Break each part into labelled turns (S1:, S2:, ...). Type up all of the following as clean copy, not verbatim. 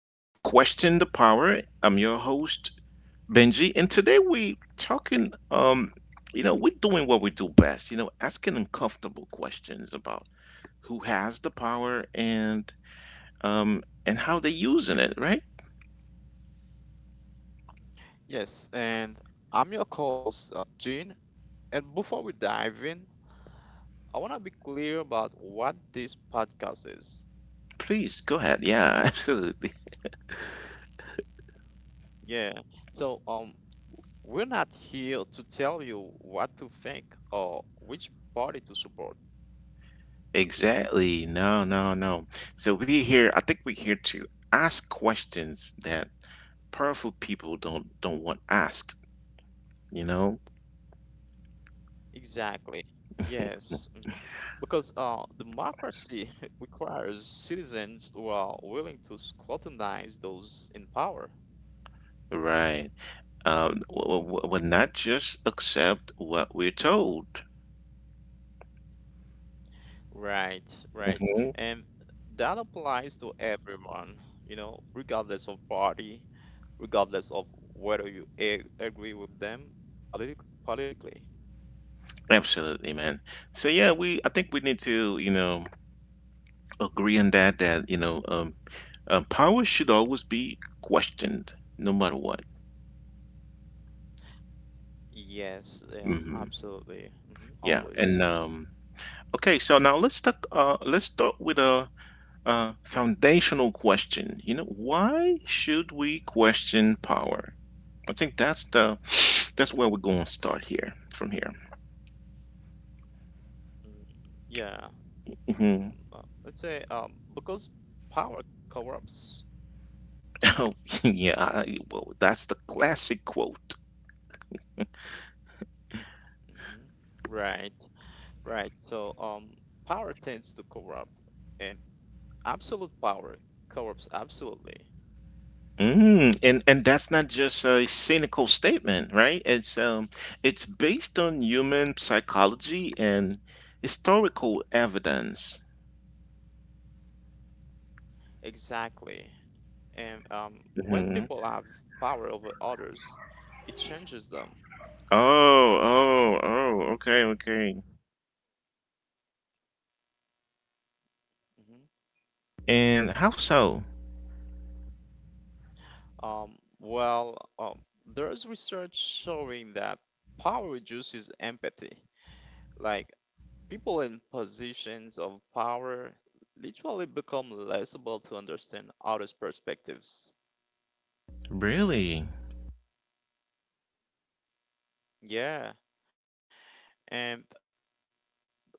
S1: to Question the Power. I'm your host, Benji, and today we talking we're doing what we do best, asking uncomfortable questions about who has the power and how they're using it, right?
S2: Yes, and I'm your co host, Gene. And before we dive in, I want to be clear about what this podcast is.
S1: Please go ahead. Yeah, absolutely.
S2: Yeah, so we're not here to tell you what to think or which party to support.
S1: Exactly. No, no, no. So we here, I think we're here to ask questions that powerful people don't want asked, you know?
S2: Exactly. Yes, because democracy requires citizens who are willing to scrutinize those in power.
S1: Right. Will not just accept what we're told.
S2: Right, right.
S1: Hmm
S2: And that applies to everyone, you know, regardless of party, regardless of whether agree with them politically.
S1: Absolutely, man. So yeah, we I think we need to agree on that power should always be questioned no matter what.
S2: Yes, yeah,
S1: Hmm
S2: absolutely.
S1: Yeah,
S2: Always.
S1: and okay, so now let's talk. Let's start with a foundational question. You know, why should we question power? I think that's the that's where we're going to start here from here.
S2: Mm, yeah. Let's
S1: Mhm.
S2: say because power corrupts.
S1: Oh, yeah. Well, that's the classic quote.
S2: hmm Right, right. So power tends to corrupt and absolute power corrupts absolutely.
S1: Mm, and that's not just a cynical statement, right? It's it's based on human psychology and historical evidence.
S2: Exactly. And when people have
S1: Hmm
S2: power over others, it changes them.
S1: Oh, oh, oh, okay, okay.
S2: Mhm.
S1: And how so?
S2: Well, there's research showing that power reduces empathy. Like people in positions of power literally become less able to understand others' perspectives.
S1: Really?
S2: Yeah, and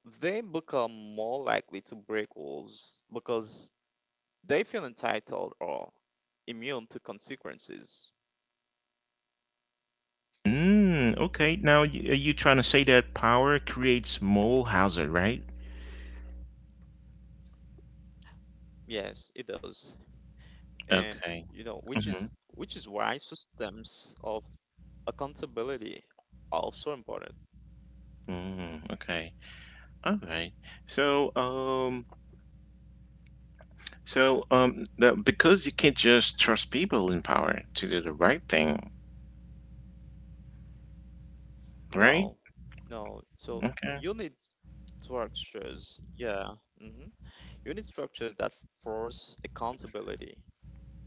S2: they become more likely to break rules because they feel entitled or immune to consequences.
S1: Mm, okay. Now, are you trying to say that power creates moral hazard, right?
S2: Yes, it does. And
S1: Okay.
S2: which
S1: Mm-hmm.
S2: is which is why systems of accountability are so important.
S1: Mm, okay. All right. So, so, because you can't just trust people in power to do the right thing, right?
S2: No, no. So
S1: Okay,
S2: you need structures. Yeah. hmm you need structures that force accountability.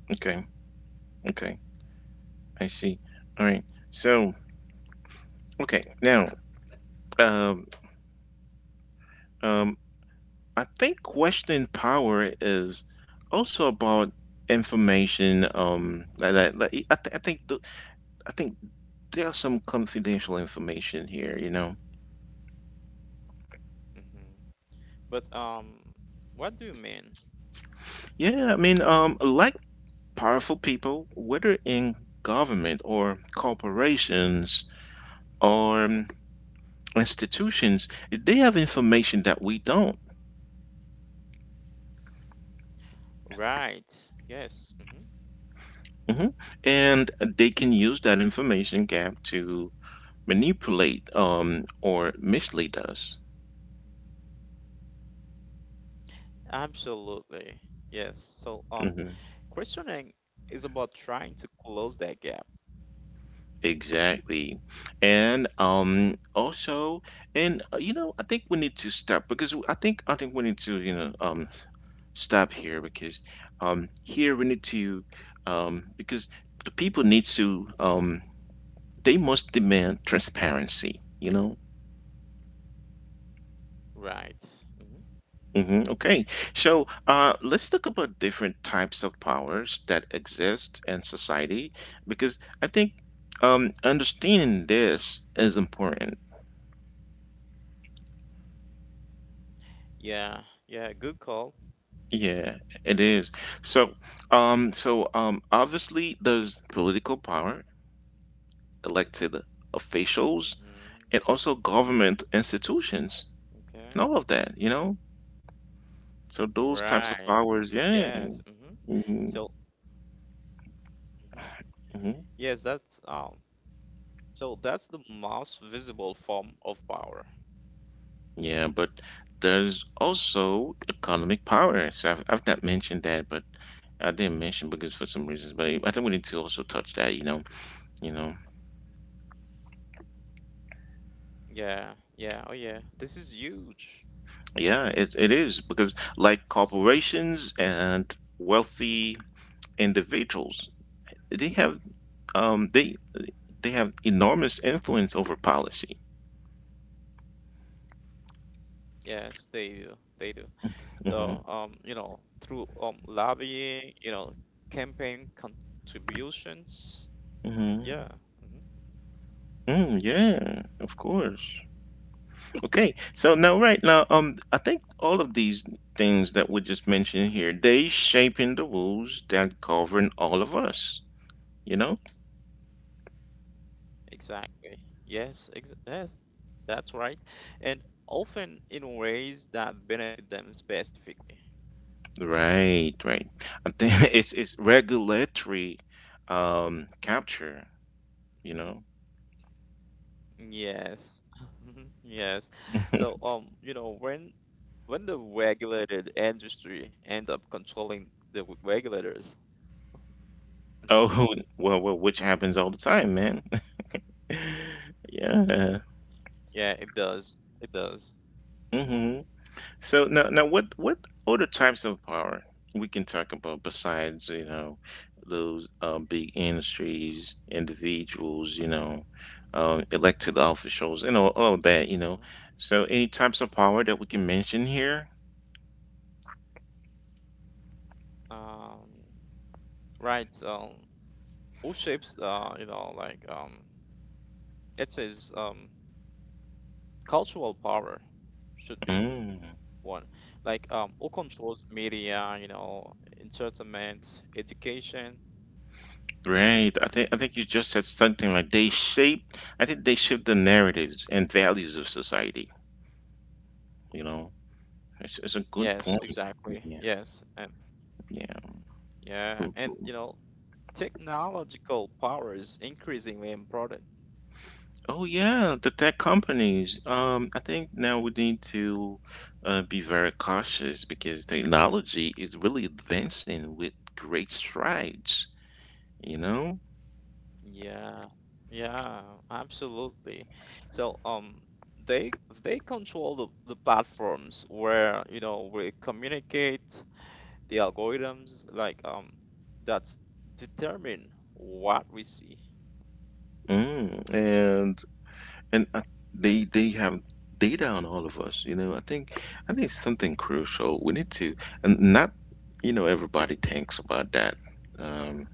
S1: okay, okay. I see. All right. So, okay. Now, um, um, I think questioning power is also about information. That, that, that- I, th- I think there's some confidential information here. You know.
S2: hmm but what do you mean?
S1: Yeah. I mean, like powerful people, whether in government or corporations or institutions, they have information that we don't.
S2: Right, yes.
S1: Mhm. And they can use that information gap to manipulate or mislead us.
S2: Absolutely, yes. So
S1: Hmm
S2: questioning is about trying to close that gap.
S1: Exactly. And also, I think we need to stop because I think we need to stop here because here we need to because the people need to they must demand transparency. You know,
S2: Right. hmm
S1: hmm okay, so let's talk about different types of powers that exist in society because I think understanding this is important.
S2: yeah, yeah, good call.
S1: Yeah, it is. So, obviously there's political power, elected officials,
S2: Mm-hmm.
S1: and also government institutions,
S2: Okay.
S1: and all of that. You know, so those types
S2: Right.
S1: of powers. Yeah.
S2: Yes. Mm-hmm.
S1: hmm
S2: So, hmm yes, that's So that's the most visible form of power.
S1: Yeah, but there's also economic powers. I've not mentioned that, but I didn't mention because for some reasons, but I think we need to also touch that, you know, you know.
S2: Yeah. Yeah. Oh, yeah. This is huge.
S1: Yeah, it is because like corporations and wealthy individuals, they have um they they have
S2: hmm
S1: enormous influence over policy.
S2: Yes, they do. They do.
S1: Mm-hmm.
S2: Though, through lobbying, campaign contributions.
S1: Mm-hmm.
S2: Yeah. Mm-hmm.
S1: Mm, yeah, of course. Okay, so now right now, I think all of these things that we just mentioned here, they shaping the rules that govern all of us. You know,
S2: Hmm. Mhm. Exactly. Yes. Yes. That's right. And often in ways that benefit them specifically.
S1: right, right. I think it's regulatory, capture. You know,
S2: Yes. Yes. So, when the regulated industry ends up controlling the regulators,
S1: oh well, well, which happens all the time, man. yeah.
S2: yeah, it does. It does. Mm.
S1: hmm So now, what other types of power we can talk about besides, you know, those big industries, individuals, you know, elected officials, and all of that, you
S2: Mm-hmm.
S1: know. So any types of power that we can mention here?
S2: Um, right. So, who shapes, like, it says, cultural power should be
S1: Mm,
S2: one. Like, who controls media, entertainment, education.
S1: right. I think you
S2: hmm
S1: just said something like they shape. I think they shape the narratives and values of society. You know, it's a good
S2: Yes,
S1: point.
S2: exactly.
S1: Yeah.
S2: Yes.
S1: Yeah.
S2: Yeah, and
S1: Mm-hmm.
S2: technological power is increasingly important.
S1: Oh yeah, the tech companies. I think now we need to be very cautious because technology is really advancing with great strides, you know?
S2: Yeah, yeah, absolutely. So, they they control the platforms where we communicate, the algorithms like that's determine what we see.
S1: Mm, and they have data on all of us, you know. I think it's something crucial. We need to, and not, you know, everybody thinks about that, um,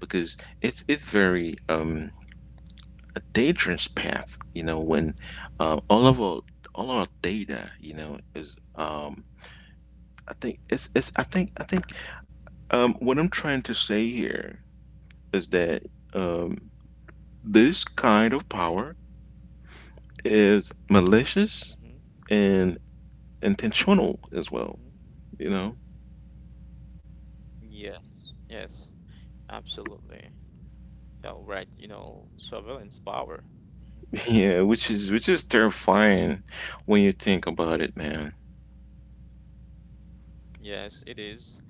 S1: because it's very a dangerous path. You know, when all of our all our data, you know, is I
S2: Mm-hmm,
S1: think it's I think what I'm trying to say here is that um, this kind of power is
S2: mm-hmm,
S1: malicious and intentional
S2: mm-hmm.
S1: as well. You know,
S2: Yes, yes, absolutely. So, right, surveillance power. Mhm.
S1: yeah, which is terrifying when you think about it, man.
S2: Yes, it is.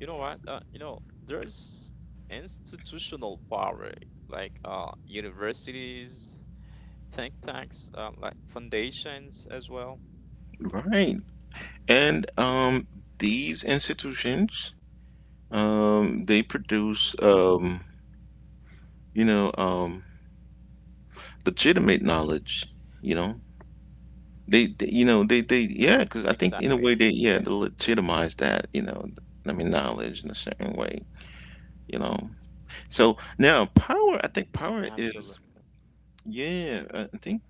S2: You know what? There's institutional power, like universities, think tanks, like foundations as well.
S1: Right, and these institutions they produce
S2: hmm
S1: you know, um, legitimate knowledge, you know. Yeah, because I
S2: Exactly.
S1: think in a way
S2: Yeah.
S1: they, yeah, they legitimize that, you know, I mean, knowledge in a certain way, you know. So now power, I
S2: hmm
S1: think power is,
S2: Absolutely.
S1: yeah,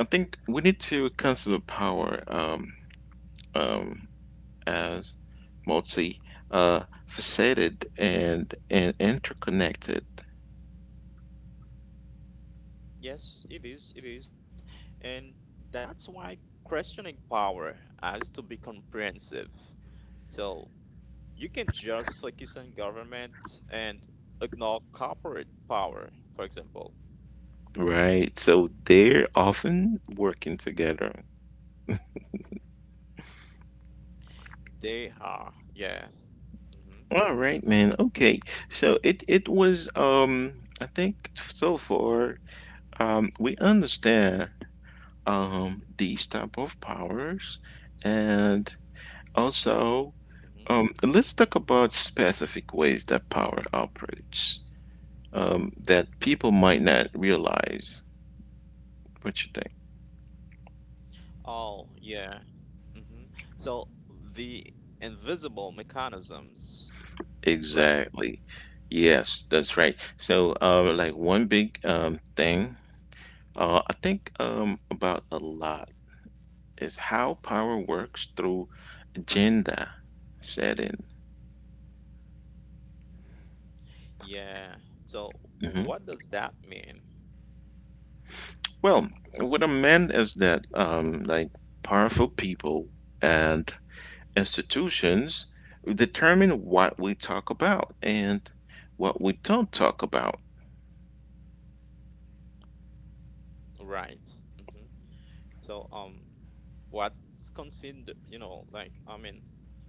S1: I think we need to consider power, um, as multi, faceted and interconnected,
S2: Yes, it is. It is, and that's why questioning power has to be comprehensive. So you can just focus on government and ignore corporate power, for example.
S1: right? So they're often working together.
S2: They are, yes. Mm-hmm.
S1: All right, man. Okay. So it was I think so far we understand these type of powers and also
S2: Mhm,
S1: let's talk about specific ways that power operates that people might not
S2: mhm.
S1: realize. What you think?
S2: Oh, yeah. hmm So the invisible mechanisms, right?
S1: Exactly. Yes, that's right. So like one big thing I think about a lot is how power works through agenda setting.
S2: Yeah. So
S1: Hmm
S2: what does that mean?
S1: Well, what I meant is that like powerful people and institutions determine what we talk about and what we don't talk about.
S2: Right. hmm So, what's considered, like, I mean,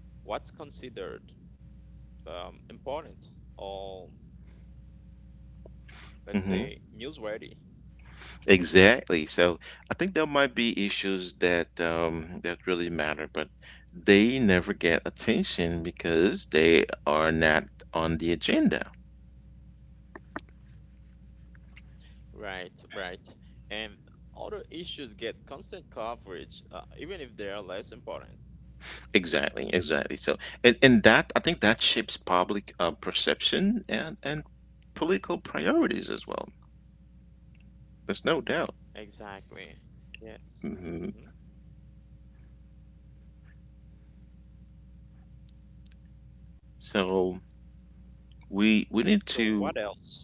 S2: what's considered important, or let's
S1: Hmm
S2: say newsworthy?
S1: Exactly. So I think there might be issues that that really matter, but they never get attention because they are not on the agenda.
S2: Right, right. And other issues get constant coverage, even if they are less important.
S1: Exactly, exactly. So, and that I think that shapes public perception and political priorities as well. There's no doubt.
S2: Exactly.
S1: Hmm
S2: Yes. hmm
S1: So we
S2: So
S1: need
S2: what
S1: to.
S2: else?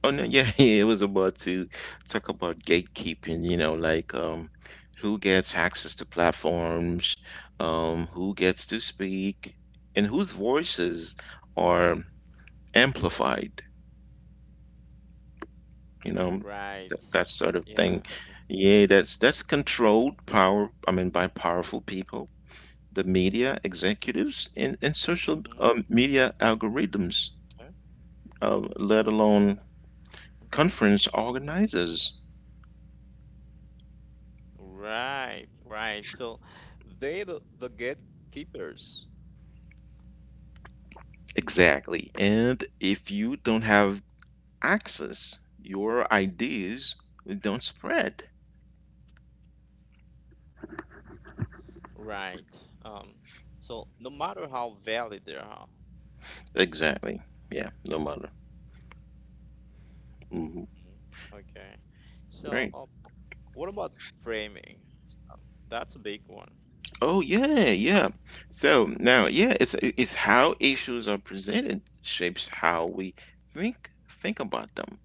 S1: Oh no, yeah, yeah. It was about to talk about gatekeeping. You know, like who gets access to platforms, who gets to speak, and whose voices are amplified. You know, that,
S2: Right.
S1: that sort of thing.
S2: Yeah. Mm.
S1: Yeah, that's controlled power, I mean, by powerful people, the media executives, and
S2: Mm-hmm.
S1: social media algorithms,
S2: Okay.
S1: let alone
S2: Okay.
S1: conference organizers.
S2: Right. Right. So the gatekeepers.
S1: Exactly, and if you don't have access, your ideas don't spread.
S2: Right. So no matter how valid they are.
S1: Exactly. Yeah, no matter. Hmm
S2: Mhm. Okay. So
S1: Right.
S2: what about framing? Uh, That's a big one.
S1: Oh yeah, yeah. So now, yeah, it's how issues are presented shapes how we think about them.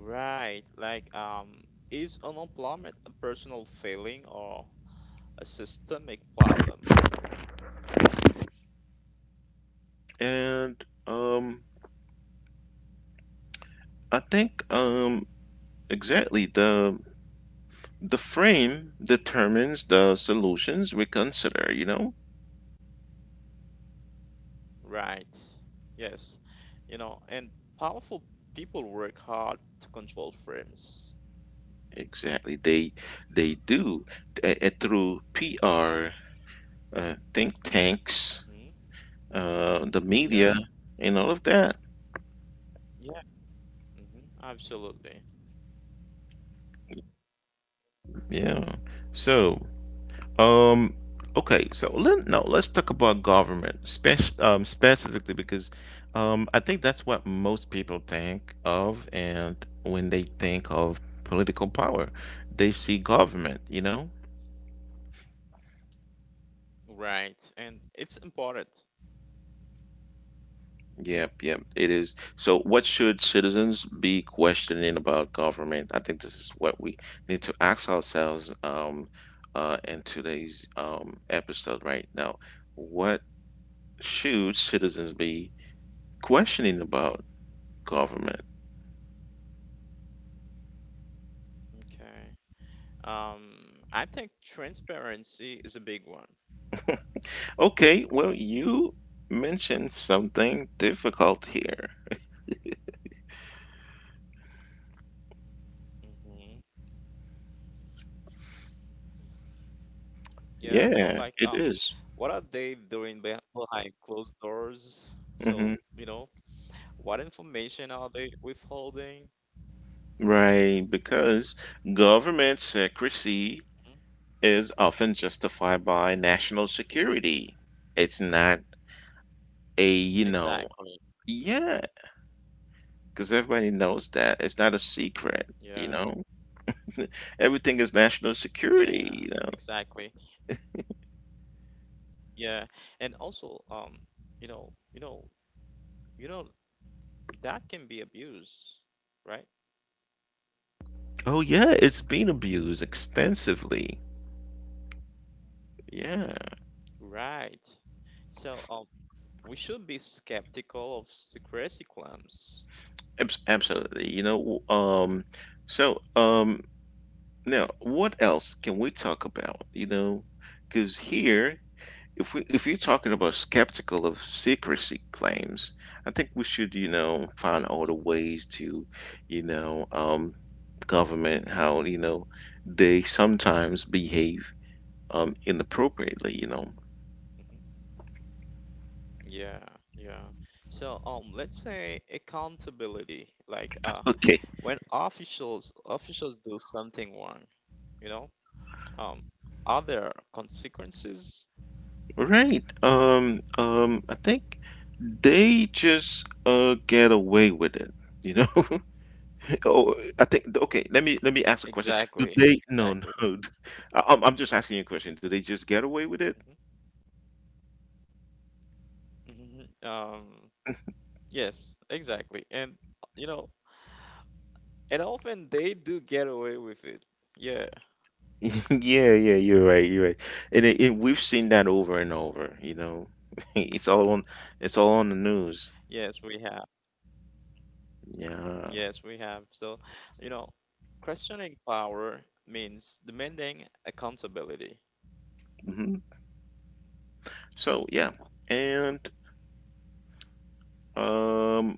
S2: Right. Like, is unemployment a personal failing or a systemic problem?
S1: And I think exactly, the frame determines the solutions we consider, you know?
S2: Right. Yes. And powerful people work hard to control frames.
S1: Exactly. They do through PR, think tanks,
S2: Mm-hmm.
S1: the media
S2: Yeah.
S1: and all of that.
S2: Yeah. Mm-hmm. Absolutely.
S1: Yeah. So um, okay, so let, no, let's talk about government, specifically because I think that's what most people think of, and when they think of political power, they see government, you know?
S2: Right. And it's important.
S1: Yep, yep, it is. So, what should citizens be questioning about government? I think this is what we need to ask ourselves in today's episode right now. What should citizens be questioning about government?
S2: hmm Okay. I think transparency is a big one.
S1: Okay, well, you mentioned something difficult here.
S2: hmm Yeah. So, like,
S1: Yeah, it
S2: what are
S1: is.
S2: they doing behind closed doors? So,
S1: Mm-hmm.
S2: what information are they withholding?
S1: Right, because government
S2: Mhm.
S1: secrecy is often justified by national security. It's not a, you know,
S2: Exactly. Mm-hmm.
S1: yeah, because everybody knows that. It's not a secret,
S2: Yeah.
S1: you know? Everything is national
S2: Yeah,
S1: security, you know?
S2: exactly. Yeah, and also, you know, you know, you know, that can be abused, right?
S1: Oh, yeah, it's been abused extensively. Yeah.
S2: Right. So, we should be skeptical of secrecy claims.
S1: Abs- Absolutely. You know, so um, now what else can we talk about? You know, because here, if we if you're
S2: hmm
S1: talking about skeptical of secrecy claims, I think we should, you know, find other
S2: hmm
S1: ways to, you know, government how, you know, they sometimes behave inappropriately, you know.
S2: hmm Yeah, yeah. So, let's say accountability, like,
S1: Okay.
S2: when officials do something wrong, you know, um, are there consequences?
S1: Right. I think they just get away with it, you know? Oh, I think okay. Let me ask a question. Do
S2: Exactly,
S1: they? No,
S2: exactly.
S1: no. I'm just asking you a question. Do they just get away with
S2: Mm-hmm.
S1: it?
S2: hmm Um, yes, exactly. You know, and often they do get away with it. Yeah.
S1: Yeah, yeah. You're right. You're right. And it, we've seen that over and over. You know, it's all on. It's all on the news.
S2: Yes, we have.
S1: Yeah.
S2: Yes, we have. So, you know, questioning power means demanding accountability.
S1: hmm So yeah. And um,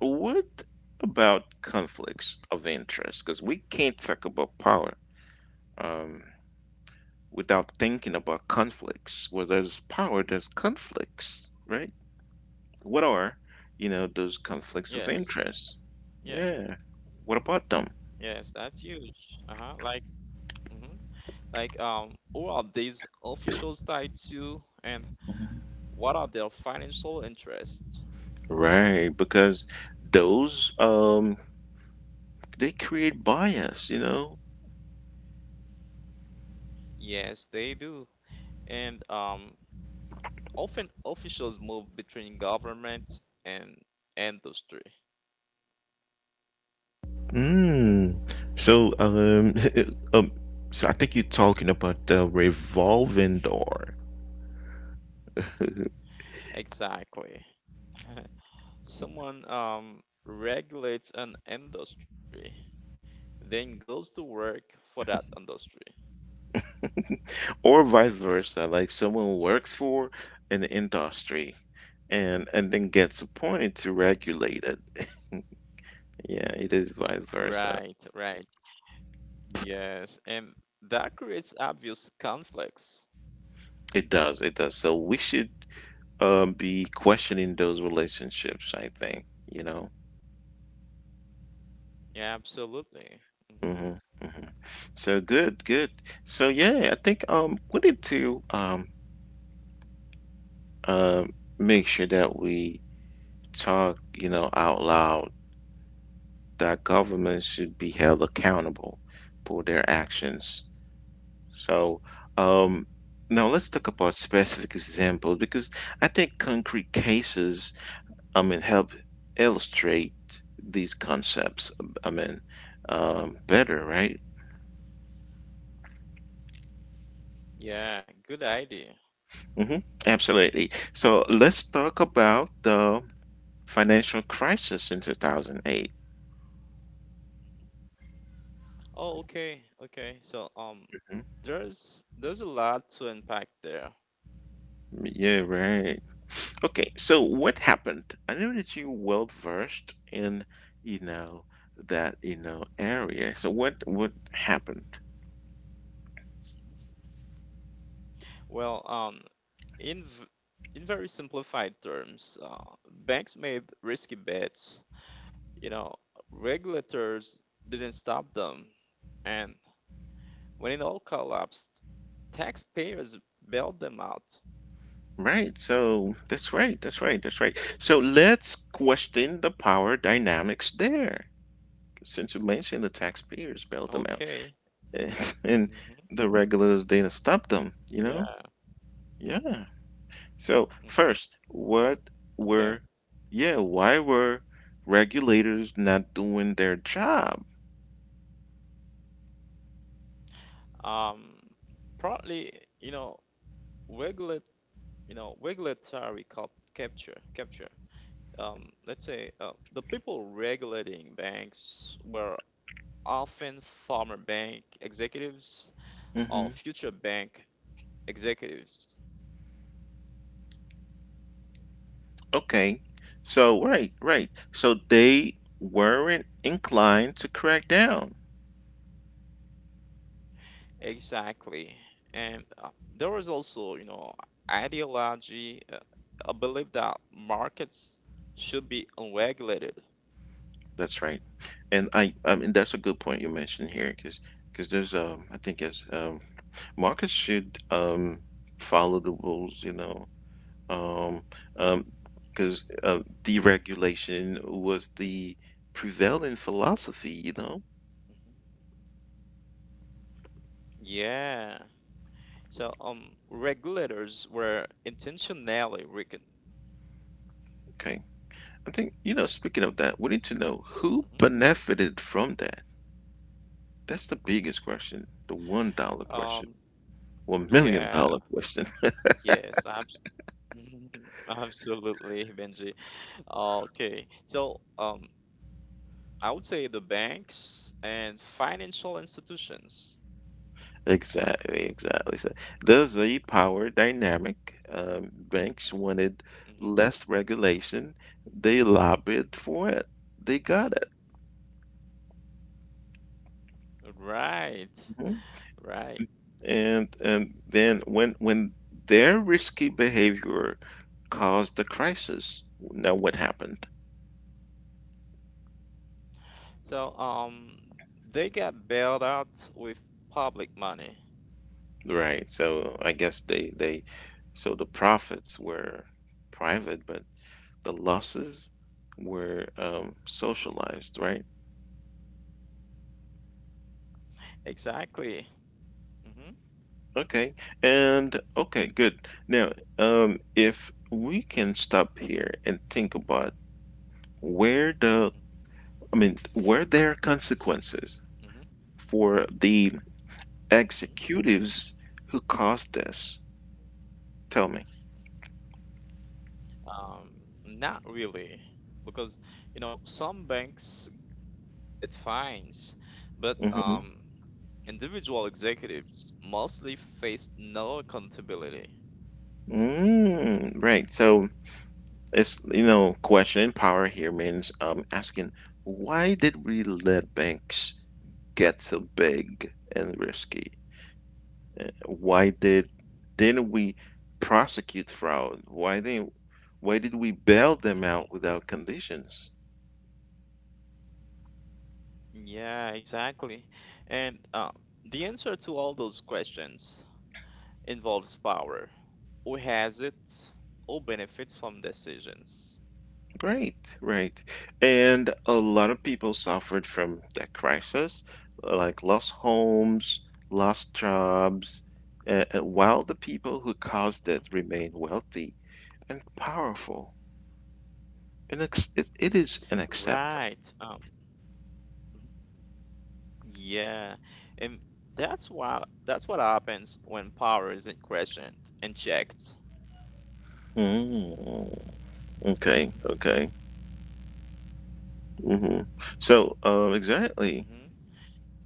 S1: what about conflicts of interest? Because we can't talk about power um without thinking about conflicts. Where there's power, there's conflicts, right? What are, you know, those conflicts of interest?
S2: Yes.
S1: Yeah.
S2: Yes.
S1: What about them?
S2: Yes, that's huge. Uh-huh. Like, mhm. Like, who are these officials tied to, and what are their financial interests?
S1: Right, because those they create bias, you know.
S2: Yes, they do. And often officials move between government and industry.
S1: Mm. So um so I think you're talking about the revolving door.
S2: Exactly. Someone regulates an industry, then goes to work for that industry.
S1: Or vice versa, like someone works for an industry and then gets appointed to
S2: Mhm.
S1: regulate it. Yeah, it is vice versa.
S2: Right, right. Yes, and that creates obvious conflicts.
S1: It does, it does. So we should be questioning those relationships, I think, you know.
S2: Yeah, absolutely. hmm
S1: Hmm hmm So good, good. So yeah, I think wanted to uh, make sure that we talk, you know, out loud that government should be held accountable for their actions. So um, now
S2: hmm
S1: let's talk about specific examples because I think concrete cases, I mean, help illustrate these concepts, I mean, better, right?
S2: Yeah, good idea.
S1: hmm Absolutely. So let's talk about the financial crisis in 2008.
S2: Oh, okay, okay. So
S1: Mhm.
S2: there's a lot to unpack there.
S1: Yeah, right. Okay, so what happened? I know that you well versed in, you know, that area. So what happened?
S2: Well, in in very simplified terms, banks made risky bets. You know, regulators didn't stop them. And when it all collapsed, taxpayers bailed them out.
S1: Right. So that's right. That's right. That's right. So let's question the power dynamics there. Since you mentioned the taxpayers bailed them out
S2: Okay.
S1: and, and
S2: Hmm.
S1: the regulators didn't stop them, you know?
S2: Yeah.
S1: Yeah. So, first,
S2: Hmm.
S1: were,
S2: Okay.
S1: yeah, why were regulators not doing their job?
S2: Um, partly, you know, regulate, regulatory capture. Let's say the people regulating banks were often former bank executives, all
S1: hmm
S2: future bank executives.
S1: Okay. So, right, right. So they weren't inclined to crack down.
S2: Exactly. And there was also, ideology, a belief that markets should be unregulated.
S1: That's right. And I mean, that's a good point you
S2: hmm
S1: mentioned here because there's I think as markets should follow the rulesum, um, because deregulation was the prevailing philosophy, you know?
S2: hmm Yeah. So regulators were intentionally weakened.
S1: Okay. I think speaking of that, we need to know
S2: hmm
S1: who benefited from that. That's the biggest question, the $1
S2: Um,
S1: question, one
S2: yeah,
S1: million dollar question.
S2: yes, abs absolutely, Benji. Okay, so I would say the banks and financial institutions.
S1: Exactly, exactly. So there's a power dynamic. Banks wanted
S2: hmm
S1: less regulation. They lobbied for it. They got
S2: hmm
S1: it.
S2: Right,
S1: Mm-hmm.
S2: right.
S1: And then when their risky behavior caused the crisis, now what happened?
S2: So they got bailed out with public money.
S1: Right. So I guess they so the profits were private, but the losses were socialized, right?
S2: Exactly. hmm
S1: Okay. And okay, good. Now, if we can stop here and think about where the, I mean, were there consequences
S2: hmm
S1: for the
S2: hmm
S1: executives who caused this? Tell me.
S2: Um, not really, because some banks paid fines, but
S1: hmm
S2: individual executives mostly faced no accountability.
S1: Mm, right. So it's question in power here means asking why did we let banks get so big and risky? Why didn't we prosecute fraud? Why didn't Why did we bail them out
S2: Mm-hmm.
S1: without conditions?
S2: Yeah, exactly. And the answer to all those questions involves power. Who has it? Who benefits from decisions?
S1: Great, right. And a lot of people suffered from that crisis, like lost homes, lost jobs, while the people who caused it
S2: hmm
S1: remain wealthy and powerful. And it is an acceptance.
S2: Right. Mhm, yeah, and that's what happens when power isn't questioned and checked.
S1: Mm, okay, okay. hmm So, exactly.
S2: hmm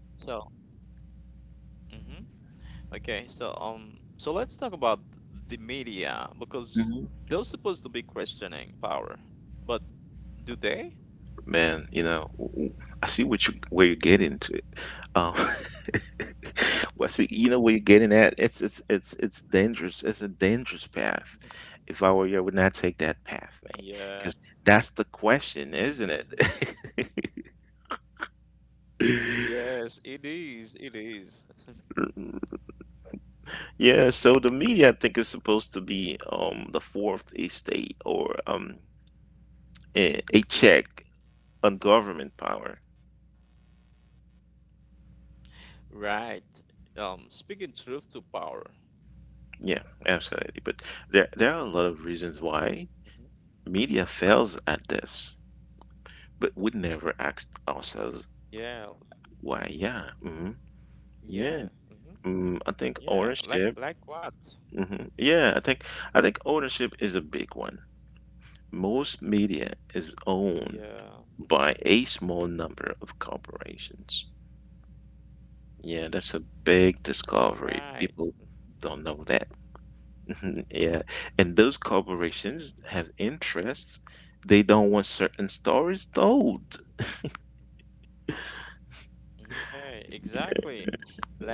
S2: So, hmm okay, so let's talk about the media because
S1: hmm
S2: they're supposed to be questioning power, but do they?
S1: Man, I see what you where you're getting to. Um, Well, see, you know
S2: Mhm.
S1: what you're getting at. It's dangerous. It's a dangerous path. If I were you, I would not take that path, man. Because
S2: Yeah.
S1: that's the question, isn't it?
S2: Yes, it is. It is.
S1: Yeah. So the media, I think, is supposed to be the fourth estate or a check on government power.
S2: Right. Speaking truth to power.
S1: Yeah, absolutely. But there are a lot of reasons why
S2: hmm
S1: media fails at this, but we never ask ourselves
S2: Yeah, like,
S1: why. Yeah.
S2: yeah.
S1: Yeah. Mm, I think
S2: Yeah, like
S1: ownership.
S2: like what?
S1: Yeah, I think ownership is a big one. Most media is owned
S2: Yeah.
S1: by a small number of corporations. Yeah, that's a big discovery.
S2: Right.
S1: People don't know that. Yeah, and those corporations
S2: hmm
S1: have interests. They don't want certain stories told.
S2: hmm Okay, exactly.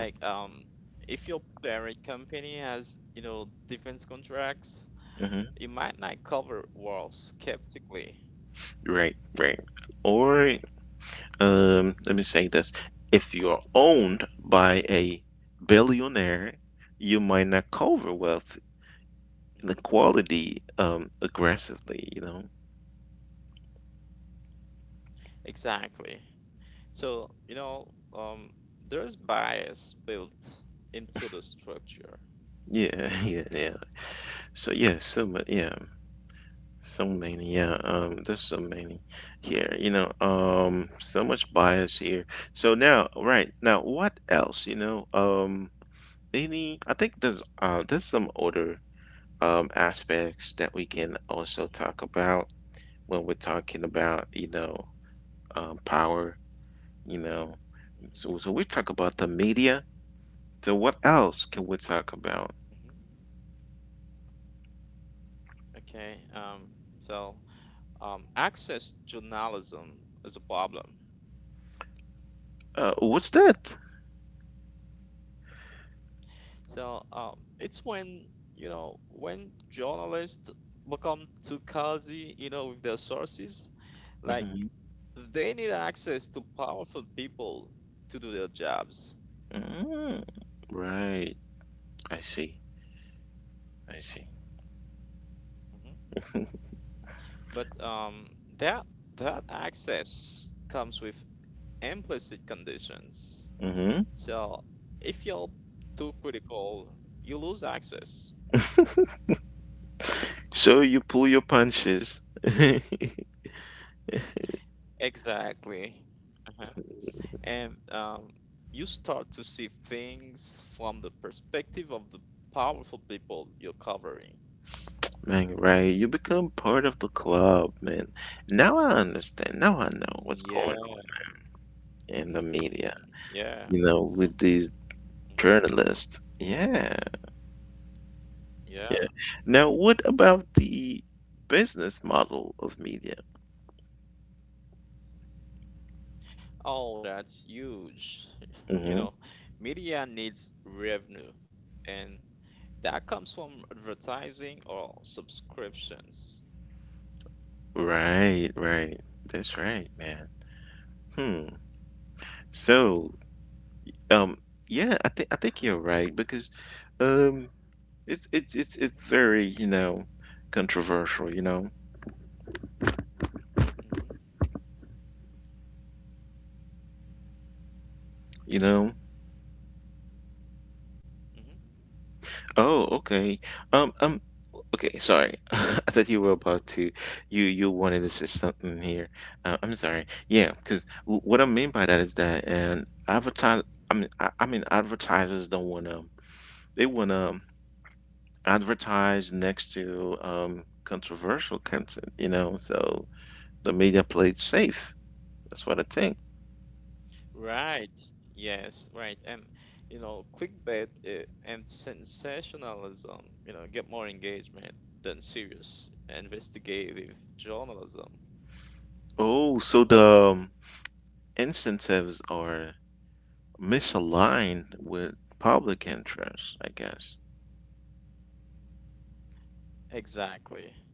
S2: Like, if your parent company has, defense contracts,
S1: hmm
S2: you might not cover wars skeptically.
S1: Right, right. Or Let me say this. If you're owned by a billionaire, you might not cover wealth
S2: hmm
S1: inequality aggressively, you know?
S2: Exactly. So, there's bias built into the structure.
S1: Yeah, yeah, yeah. So yeah, so yeah, so many. Yeah, there's so many here. So much bias here. So now, right now, what else? Any? I think there's some other aspects that we can also
S2: hmm
S1: talk about. When we're talking about power, you know
S2: hmm
S1: so we talk about the media, so what else can we talk about?
S2: hmm Okay. So, access journalism is a problem.
S1: Oh, what's that?
S2: So, it's when, when journalists become too cozy, with their sources, like
S1: hmm
S2: they need access to powerful people to do their jobs.
S1: mm right, I see, I see.
S2: hmm But that that access comes with implicit conditions.
S1: hmm
S2: So if you're too critical, you lose access.
S1: so you pull your punches.
S2: Exactly. Uh-huh. And you start to see things from the perspective of the powerful people you're covering.
S1: Man, right, you become part of the club, man. Now I understand. Now I know what's going
S2: Yeah.
S1: on in the media,
S2: Hmm.
S1: you
S2: Yeah.
S1: know, with these
S2: Hmm.
S1: journalists. Yeah.
S2: Yeah.
S1: Yeah. Now, what about the business model of media?
S2: Oh, that's huge. You know,
S1: hmm
S2: media needs revenue, and that comes from advertising or subscriptions.
S1: Right, right. That's right, man. Hmm. So, um, yeah, I think you're right because, um, it's very controversial
S2: hmm
S1: you know.
S2: Mhm,
S1: Oh, okay. Um, um, Okay, sorry. I thought you wanted to say something here. I'm sorry. Yeah, because w what I mean by that is that and
S2: mhm.
S1: advertise. I mean, advertisers don't want to. They want to advertise next to controversial content. So the media played safe. That's what I think.
S2: Right. Yes. Right. And clickbait and sensationalism, get more engagement than serious investigative journalism.
S1: Oh, so the um, incentives are misaligned with public interest, I guess.
S2: Exactly. hmm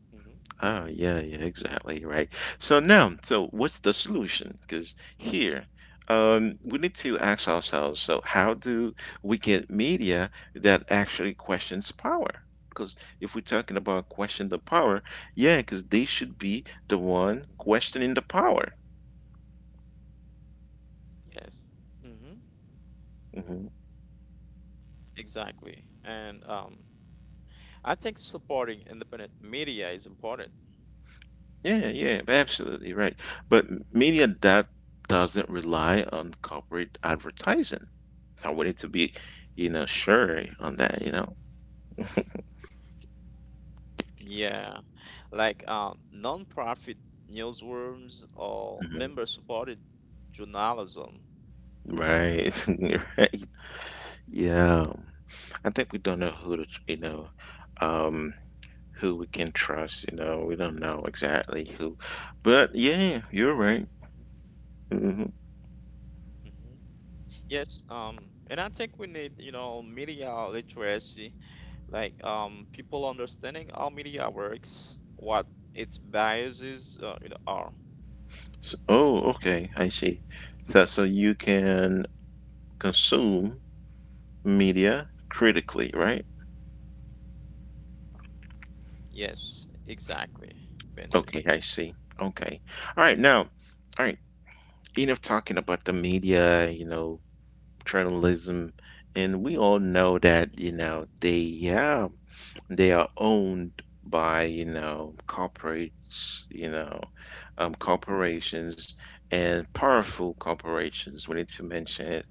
S1: Oh, yeah, yeah, exactly, right. So now, so what's the solution? Because here, we need to ask ourselves, so how do we get media that actually questions power? Because if we're talking about question the power, yeah, because they should be the one
S2: hmm
S1: questioning the power.
S2: Yes. hmm
S1: hmm
S2: Exactly. And I think supporting independent media is important.
S1: Yeah, yeah, absolutely right. But media that doesn't rely on corporate advertising. I wanted to be, sure on that.
S2: Yeah. Like, non-profit newsrooms or member-supported journalism.
S1: Right. Right. Yeah. I think we don't know who to, um, who we can trust, we don't know exactly who. But yeah, you're right. hmm
S2: hmm Yes, and I think we need, media literacy, like, people understanding how media works, what its biases are.
S1: So, oh, okay. I see. That so you can consume media critically, right?
S2: Yes, exactly, Benji.
S1: Okay, I see. Okay. All right, now, all right, enough talking about the media, journalism, and we all know
S2: Mhm,
S1: that they have. They are owned by, corporates,
S2: mhm,
S1: corporations and powerful corporations. We need to
S2: mhm,
S1: mention it,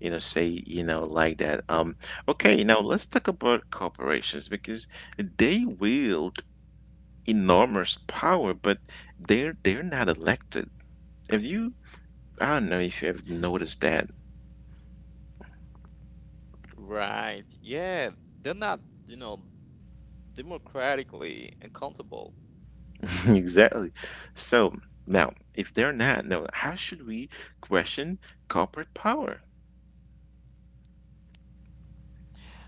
S1: you know, say, like that.
S2: mhm.
S1: Okay, now let's talk about corporations because they wield enormous power, but they're not elected. If you, I don't know if you have noticed that.
S2: Right. Yeah, they're not, democratically accountable.
S1: Exactly. So now, if they're not, no, how should we question corporate power?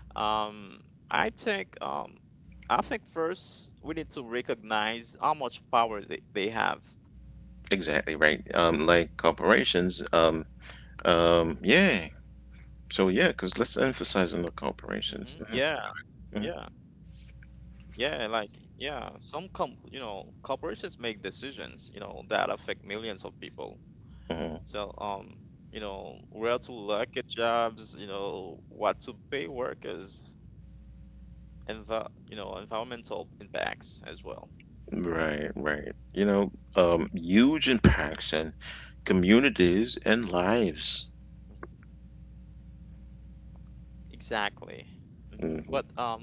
S2: Um, I think, um, I think first we need to recognize how much power they have.
S1: Exactly right. Like corporations. Yeah. So yeah, because let's emphasize on the corporations.
S2: Yeah,
S1: Hmm
S2: yeah. Yeah, like, yeah, some com corporations make decisions, that affect millions of people.
S1: hmm
S2: So where to locate jobs, what to pay workers, and the environmental impacts as well.
S1: Right, right. Huge impacts on communities and lives.
S2: Mhm. Exactly. But
S1: hmm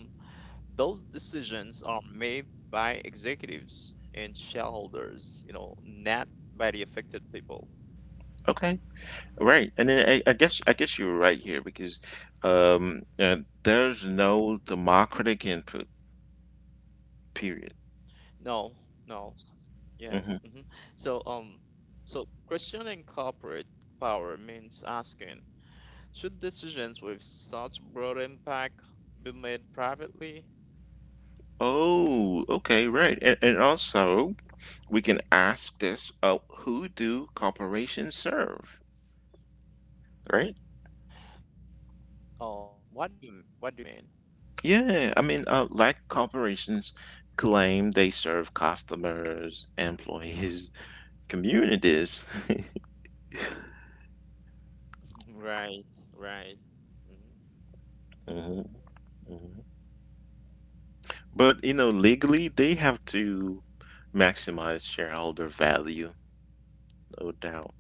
S2: those decisions are made by executives and shareholders, not by the affected people.
S1: Okay, right. And then I guess you're right here because there's no
S2: Mm-hmm.
S1: democratic input. Period.
S2: No, no.
S1: hmm
S2: Yes. So, um, so, questioning corporate power means asking, should decisions with such broad impact be made privately?
S1: Oh, okay, right. And also, we can ask this, who do corporations serve, right?
S2: What do you mean?
S1: Yeah, I mean, like corporations claim they serve customers, employees, communities.
S2: Right, right. hmm
S1: Mhm, mhm. But legally they have to maximize shareholder value. No doubt.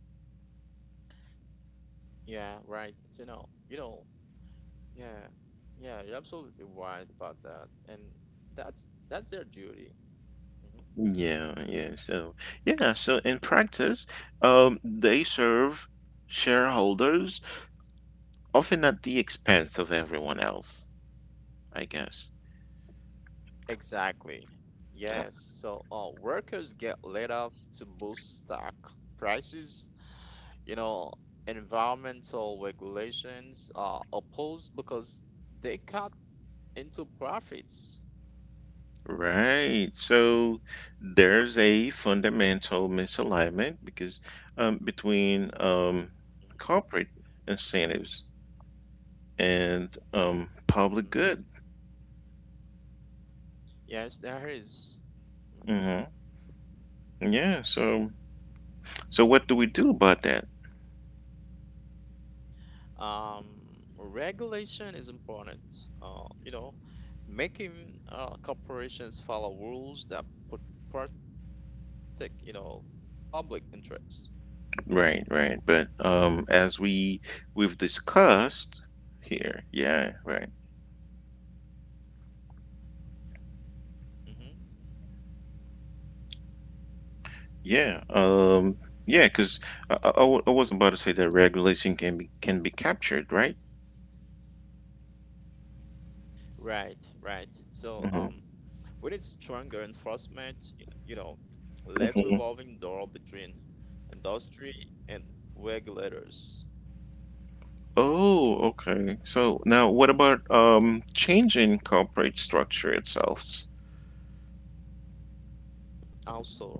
S2: Yeah, right. So, yeah, yeah, you're absolutely right about that, and that's their duty. Mm-hmm.
S1: Yeah, yeah, so yeah, so in practice, they serve shareholders often at the expense of everyone else, I guess.
S2: Exactly. Yes. So workers get laid off to boost stock prices. You know, environmental regulations are opposed because they cut into profits.
S1: Right. So there's a fundamental misalignment because between
S2: Mm-hmm.
S1: corporate incentives and
S2: Mm-hmm.
S1: public good.
S2: Yes, there is. Mm-hmm.
S1: hmm Yeah. So what do we do about that?
S2: Um, regulation is important. Uh, you know, making corporations follow rules that protect, public interests.
S1: Right. Right. But as we've discussed here. Yeah. Right.
S2: hmm
S1: Yeah. Yeah. Because I was about to say that regulation can be captured. Right.
S2: Right, right. So,
S1: hmm
S2: we need stronger enforcement, you know, less revolving door between industry and regulators.
S1: Oh, okay. So now what about changing corporate structure itself?
S2: Also,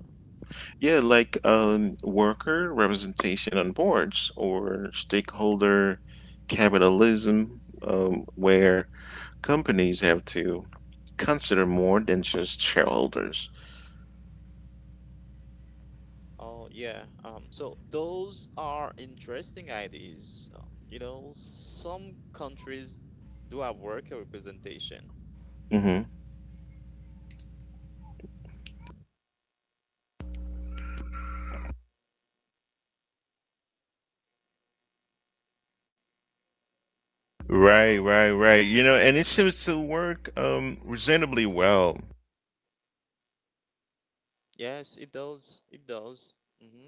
S1: Yeah, like worker representation on boards or stakeholder capitalism, where companies have to consider more than just shareholders.
S2: oh yeah, so those are interesting ideas. Some countries do have worker representation.
S1: hmm Right, right, right. And it seems to work reasonably well.
S2: Yes, it does. It does. Mm-hmm.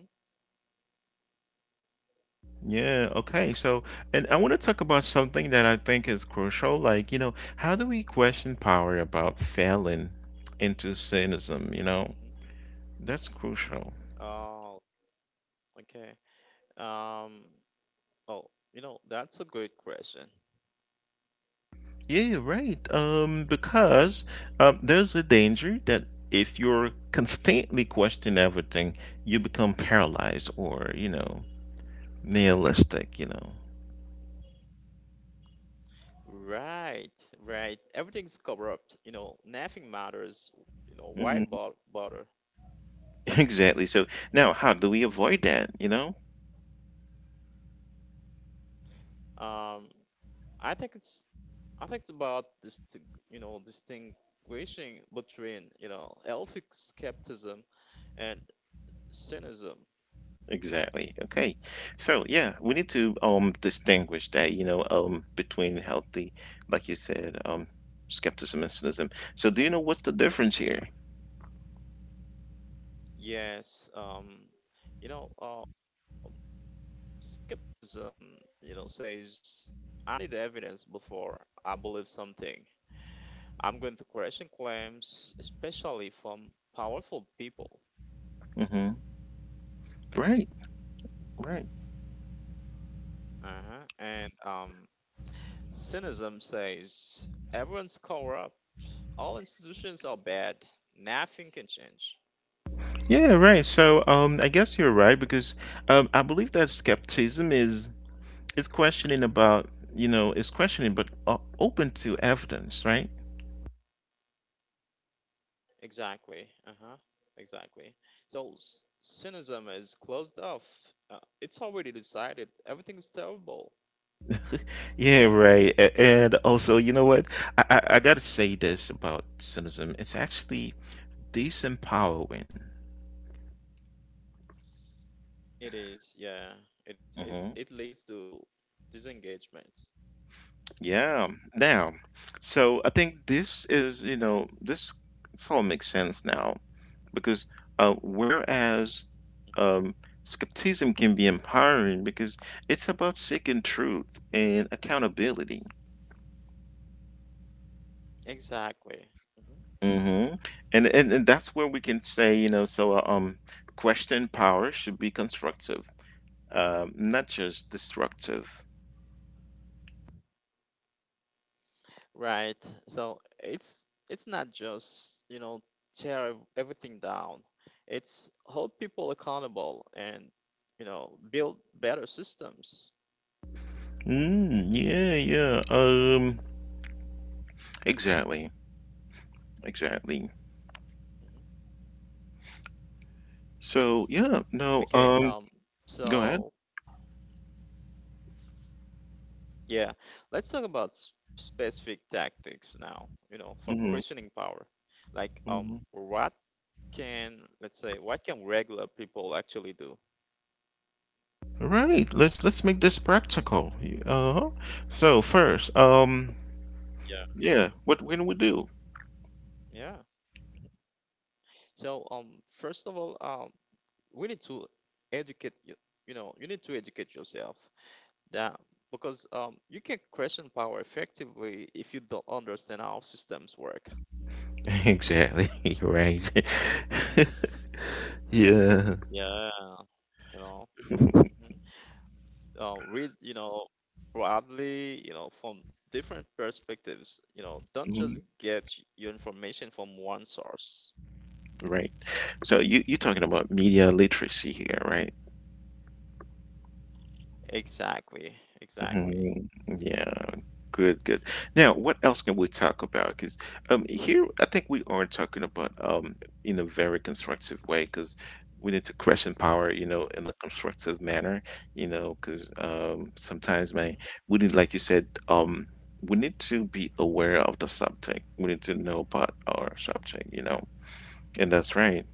S1: Yeah, okay. So, and I want to talk about something that I think is crucial. Like how do we question power about failing into cynicism? You know,
S2: Mm-hmm.
S1: that's crucial.
S2: Oh, okay. Um, oh, that's a great question.
S1: Yeah, you're right. Because there's a danger that if you're constantly questioning everything, you become paralyzed or nihilistic.
S2: Right, right. Everything's corrupt. Nothing matters. Why
S1: hmm
S2: bother?
S1: Exactly. So
S2: hmm
S1: now, how do we avoid that, you know?
S2: Um, I think it's, I think it's about this, distinguishing between, healthy skepticism and cynicism.
S1: Exactly. Okay. So yeah, we need to distinguish that between healthy, like you said, skepticism and cynicism. So do you know what's the difference here?
S2: Yes, you know, um, skepticism, says I need evidence before I believe something. I'm going to question claims, especially from powerful people.
S1: hmm Right. Right.
S2: Uh-huh. And cynicism says everyone's cover up. All institutions are bad. Nothing can change.
S1: Yeah, right. So I guess you're right because I believe that skepticism is questioning about, you know, is questioning but open to evidence, right?
S2: Exactly. Uh-huh. Exactly. So cynicism is closed off. It's already decided. Everything is terrible.
S1: Yeah, right. And also, you know what? I gotta say this about cynicism. It's actually disempowering.
S2: It is. Yeah. It is. It
S1: hmm
S2: leads to disengagement. hmm
S1: Yeah. Now, so I think this is, you know, this sort of makes sense now because whereas um, skepticism can be empowering because it's about seeking truth and accountability.
S2: Exactly. Mm-hmm.
S1: hmm and that's where we can say, so question power should be constructive, not just destructive.
S2: Right. So it's not just, tear everything down. It's hold people accountable, and, build better systems.
S1: Mm, yeah, yeah. Exactly, exactly.
S2: Mhm.
S1: So yeah, no,
S2: Okay,
S1: go ahead.
S2: so yeah, let's talk about specific tactics now, for
S1: hmm
S2: questioning power. Like,
S1: hmm
S2: what can let's say, what can regular people actually do?
S1: Right. Let's make this practical. Uh-huh. So first,
S2: Yeah. hmm
S1: yeah, what when we do?
S2: Yeah. So first of all, we need to educate you you know you need to educate yourself, that because you can question power effectively if you don't understand how systems work.
S1: Exactly. Right. Yeah.
S2: Yeah, you know mhm. Read, broadly, from different perspectives, don't just
S1: Mhm.
S2: get your information from one source.
S1: Right. So you're talking about media literacy here, right?
S2: Exactly,
S1: Mhm.
S2: exactly.
S1: Yeah, good, good. Now, what else can we talk about? Because here, I think we are talking about in a very constructive way. Because we need to question power, in a constructive
S2: hmm
S1: manner, because sometimes, man, we need,
S2: hmm
S1: like you said, we need to be aware of the subject. We need to know about our subject, and that's right.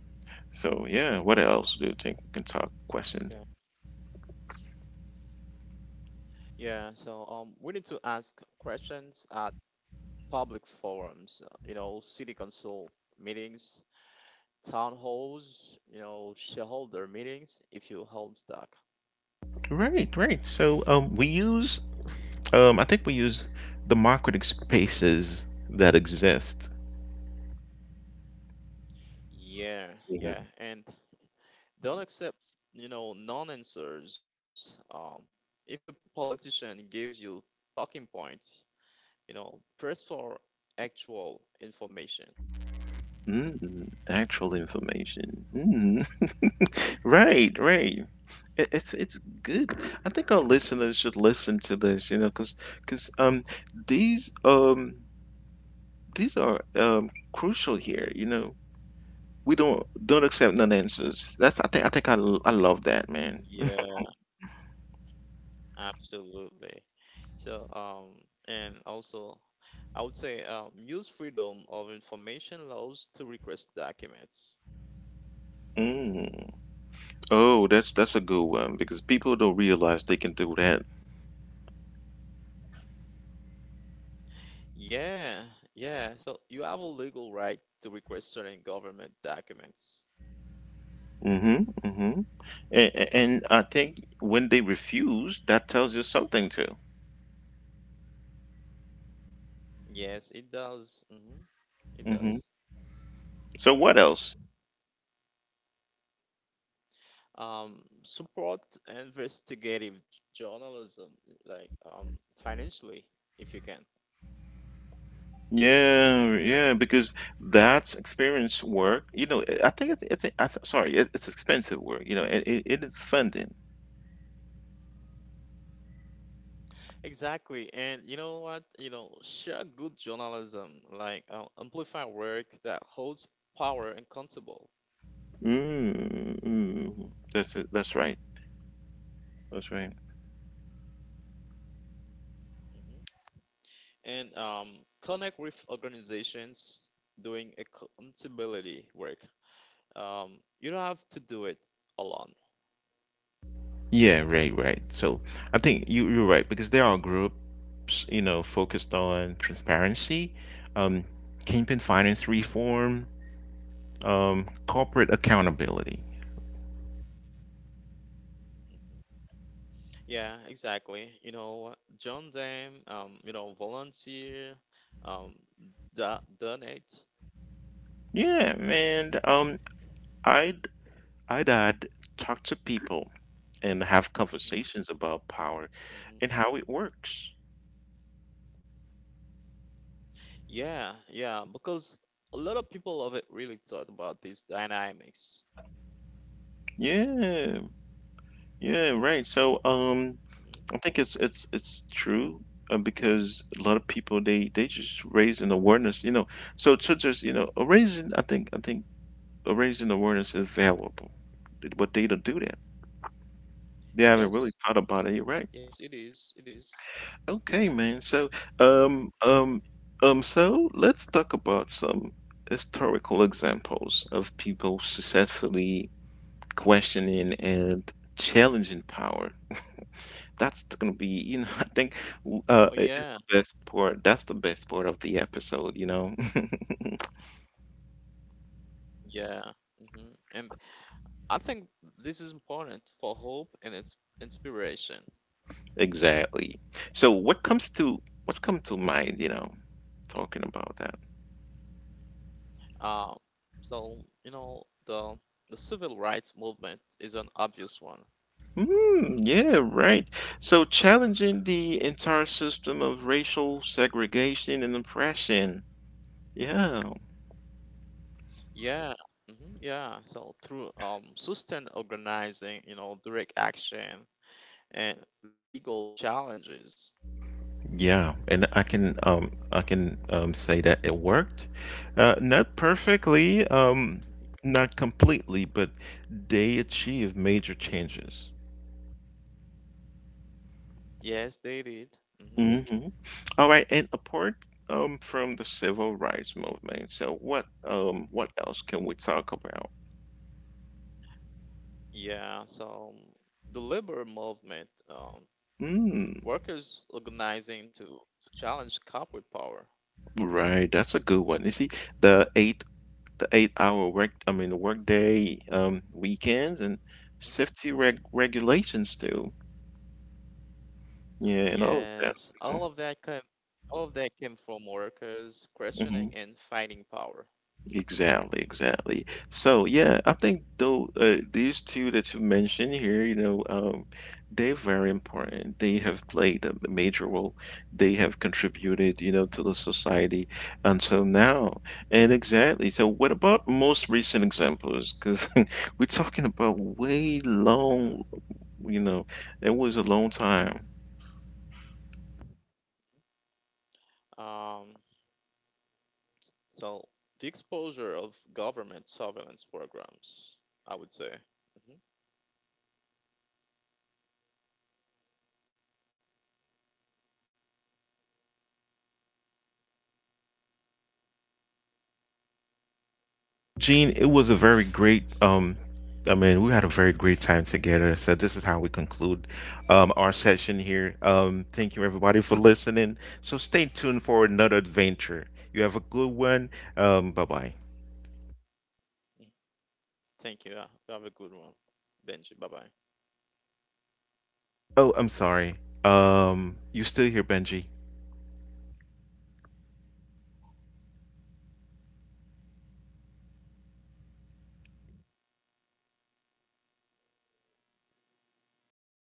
S1: So, yeah, what else do you think we can talk? Question.
S2: okay, yeah, so we need to ask questions at public forums, city council meetings, town halls, shareholder meetings if you hold stock.
S1: Right, right. So we use I think we use democratic spaces that exist.
S2: Yeah,
S1: Mhm.
S2: yeah, and don't accept, non-answers. If a politician gives you talking points, press for actual information.
S1: Mm, actual information. Mm. Right, right. It's good. I think our
S2: hmm
S1: listeners should listen to this, because these um these are crucial here. We don't accept non
S2: hmm
S1: answers. That's I think I love that, man.
S2: Yeah, absolutely. So, and also, I would say, use freedom of information laws to request documents.
S1: Mm. Oh, that's a good one because people don't realize they can do that.
S2: Yeah, yeah. So you have a legal right to request certain government documents.
S1: Mm-hmm. Mm-hmm. And I think when they refuse, that tells you something too.
S2: Yes, it does. It does.
S1: hmm So what else?
S2: Support investigative journalism, like, financially, if you can.
S1: Yeah, yeah, because that's experience work. You know, I think it's I th sorry, it's expensive work. You know, and it is funding.
S2: Exactly, and you know what? Share good journalism, like, amplify work that holds power accountable,
S1: Mm, mm. That's it. That's right. That's right.
S2: hmm and, connect with organizations doing accountability work. You don't have to do it alone.
S1: Yeah, right, right. So I think you're right because there are groups, focused on transparency, um, campaign finance reform, corporate accountability.
S2: Yeah, exactly. Join them. Volunteer. Um, donate.
S1: Yeah, and I'd I'd add talk to people and have
S2: hmm
S1: conversations about power
S2: hmm
S1: and how it works.
S2: Yeah, yeah, because a lot of people of it really thought about these dynamics.
S1: Yeah, yeah, right. So
S2: hmm
S1: I think it's true because a lot of people they just raise an awareness. So churches, a raising I think a raising awareness is valuable, but they don't do that. They haven't
S2: Yes,
S1: really thought about it,
S2: yes, it
S1: right?
S2: is. It is.
S1: Okay, man. So,
S2: Mm-hmm.
S1: um, um, so let's talk about some historical examples of people successfully questioning and challenging power. That's gonna be, I think,
S2: Oh,
S1: w- uh,
S2: yeah,
S1: it- it's the best part. That's the best part of the episode.
S2: yeah. Mm-hmm. And I think this is important for hope and its inspiration.
S1: Exactly. So, what's come to mind talking about that?
S2: Um, so, you know the the civil rights movement is an obvious one.
S1: Mm, yeah, right. So challenging the entire system of racial segregation and oppression. Yeah,
S2: Yeah. Mm-hmm. Yeah. So through sustained organizing, direct action and legal challenges.
S1: yeah, and I can say that it worked. Not perfectly,
S2: hmm
S1: not completely, but they achieved major changes.
S2: Yes, they did. Mm-hmm.
S1: Mm-hmm. All right, and apart from the civil rights movement, so what else can we talk about?
S2: Yeah, so the labor movement,
S1: Mm,
S2: workers organizing to challenge corporate power.
S1: right, that's a good one. You see, the Eighth the 8-hour work I mean the workday, weekends and
S2: Mhm.
S1: safety regulations too. Yeah, and all of that.
S2: Yes,
S1: Mm-hmm.
S2: all of that came from workers
S1: Mm-hmm.
S2: questioning and fighting power.
S1: Exactly, exactly. So yeah, I think though these two that you mentioned here, they're very important. They have played a major role. They have contributed, to the society until now. And exactly. So what about most recent examples? Because we're talking about way long you know, it was a long time.
S2: Um, so the exposure of government surveillance programs, I would say. hmm
S1: Gene, it was a very great I mean, we had a very great time together. So this is how we conclude our session here. Thank you everybody for listening. So stay tuned for another adventure. You have a good one. Bye-bye.
S2: Thank you. Yeah, have a good one, Benji. Bye bye.
S1: Oh, I'm sorry. You still here, Benji?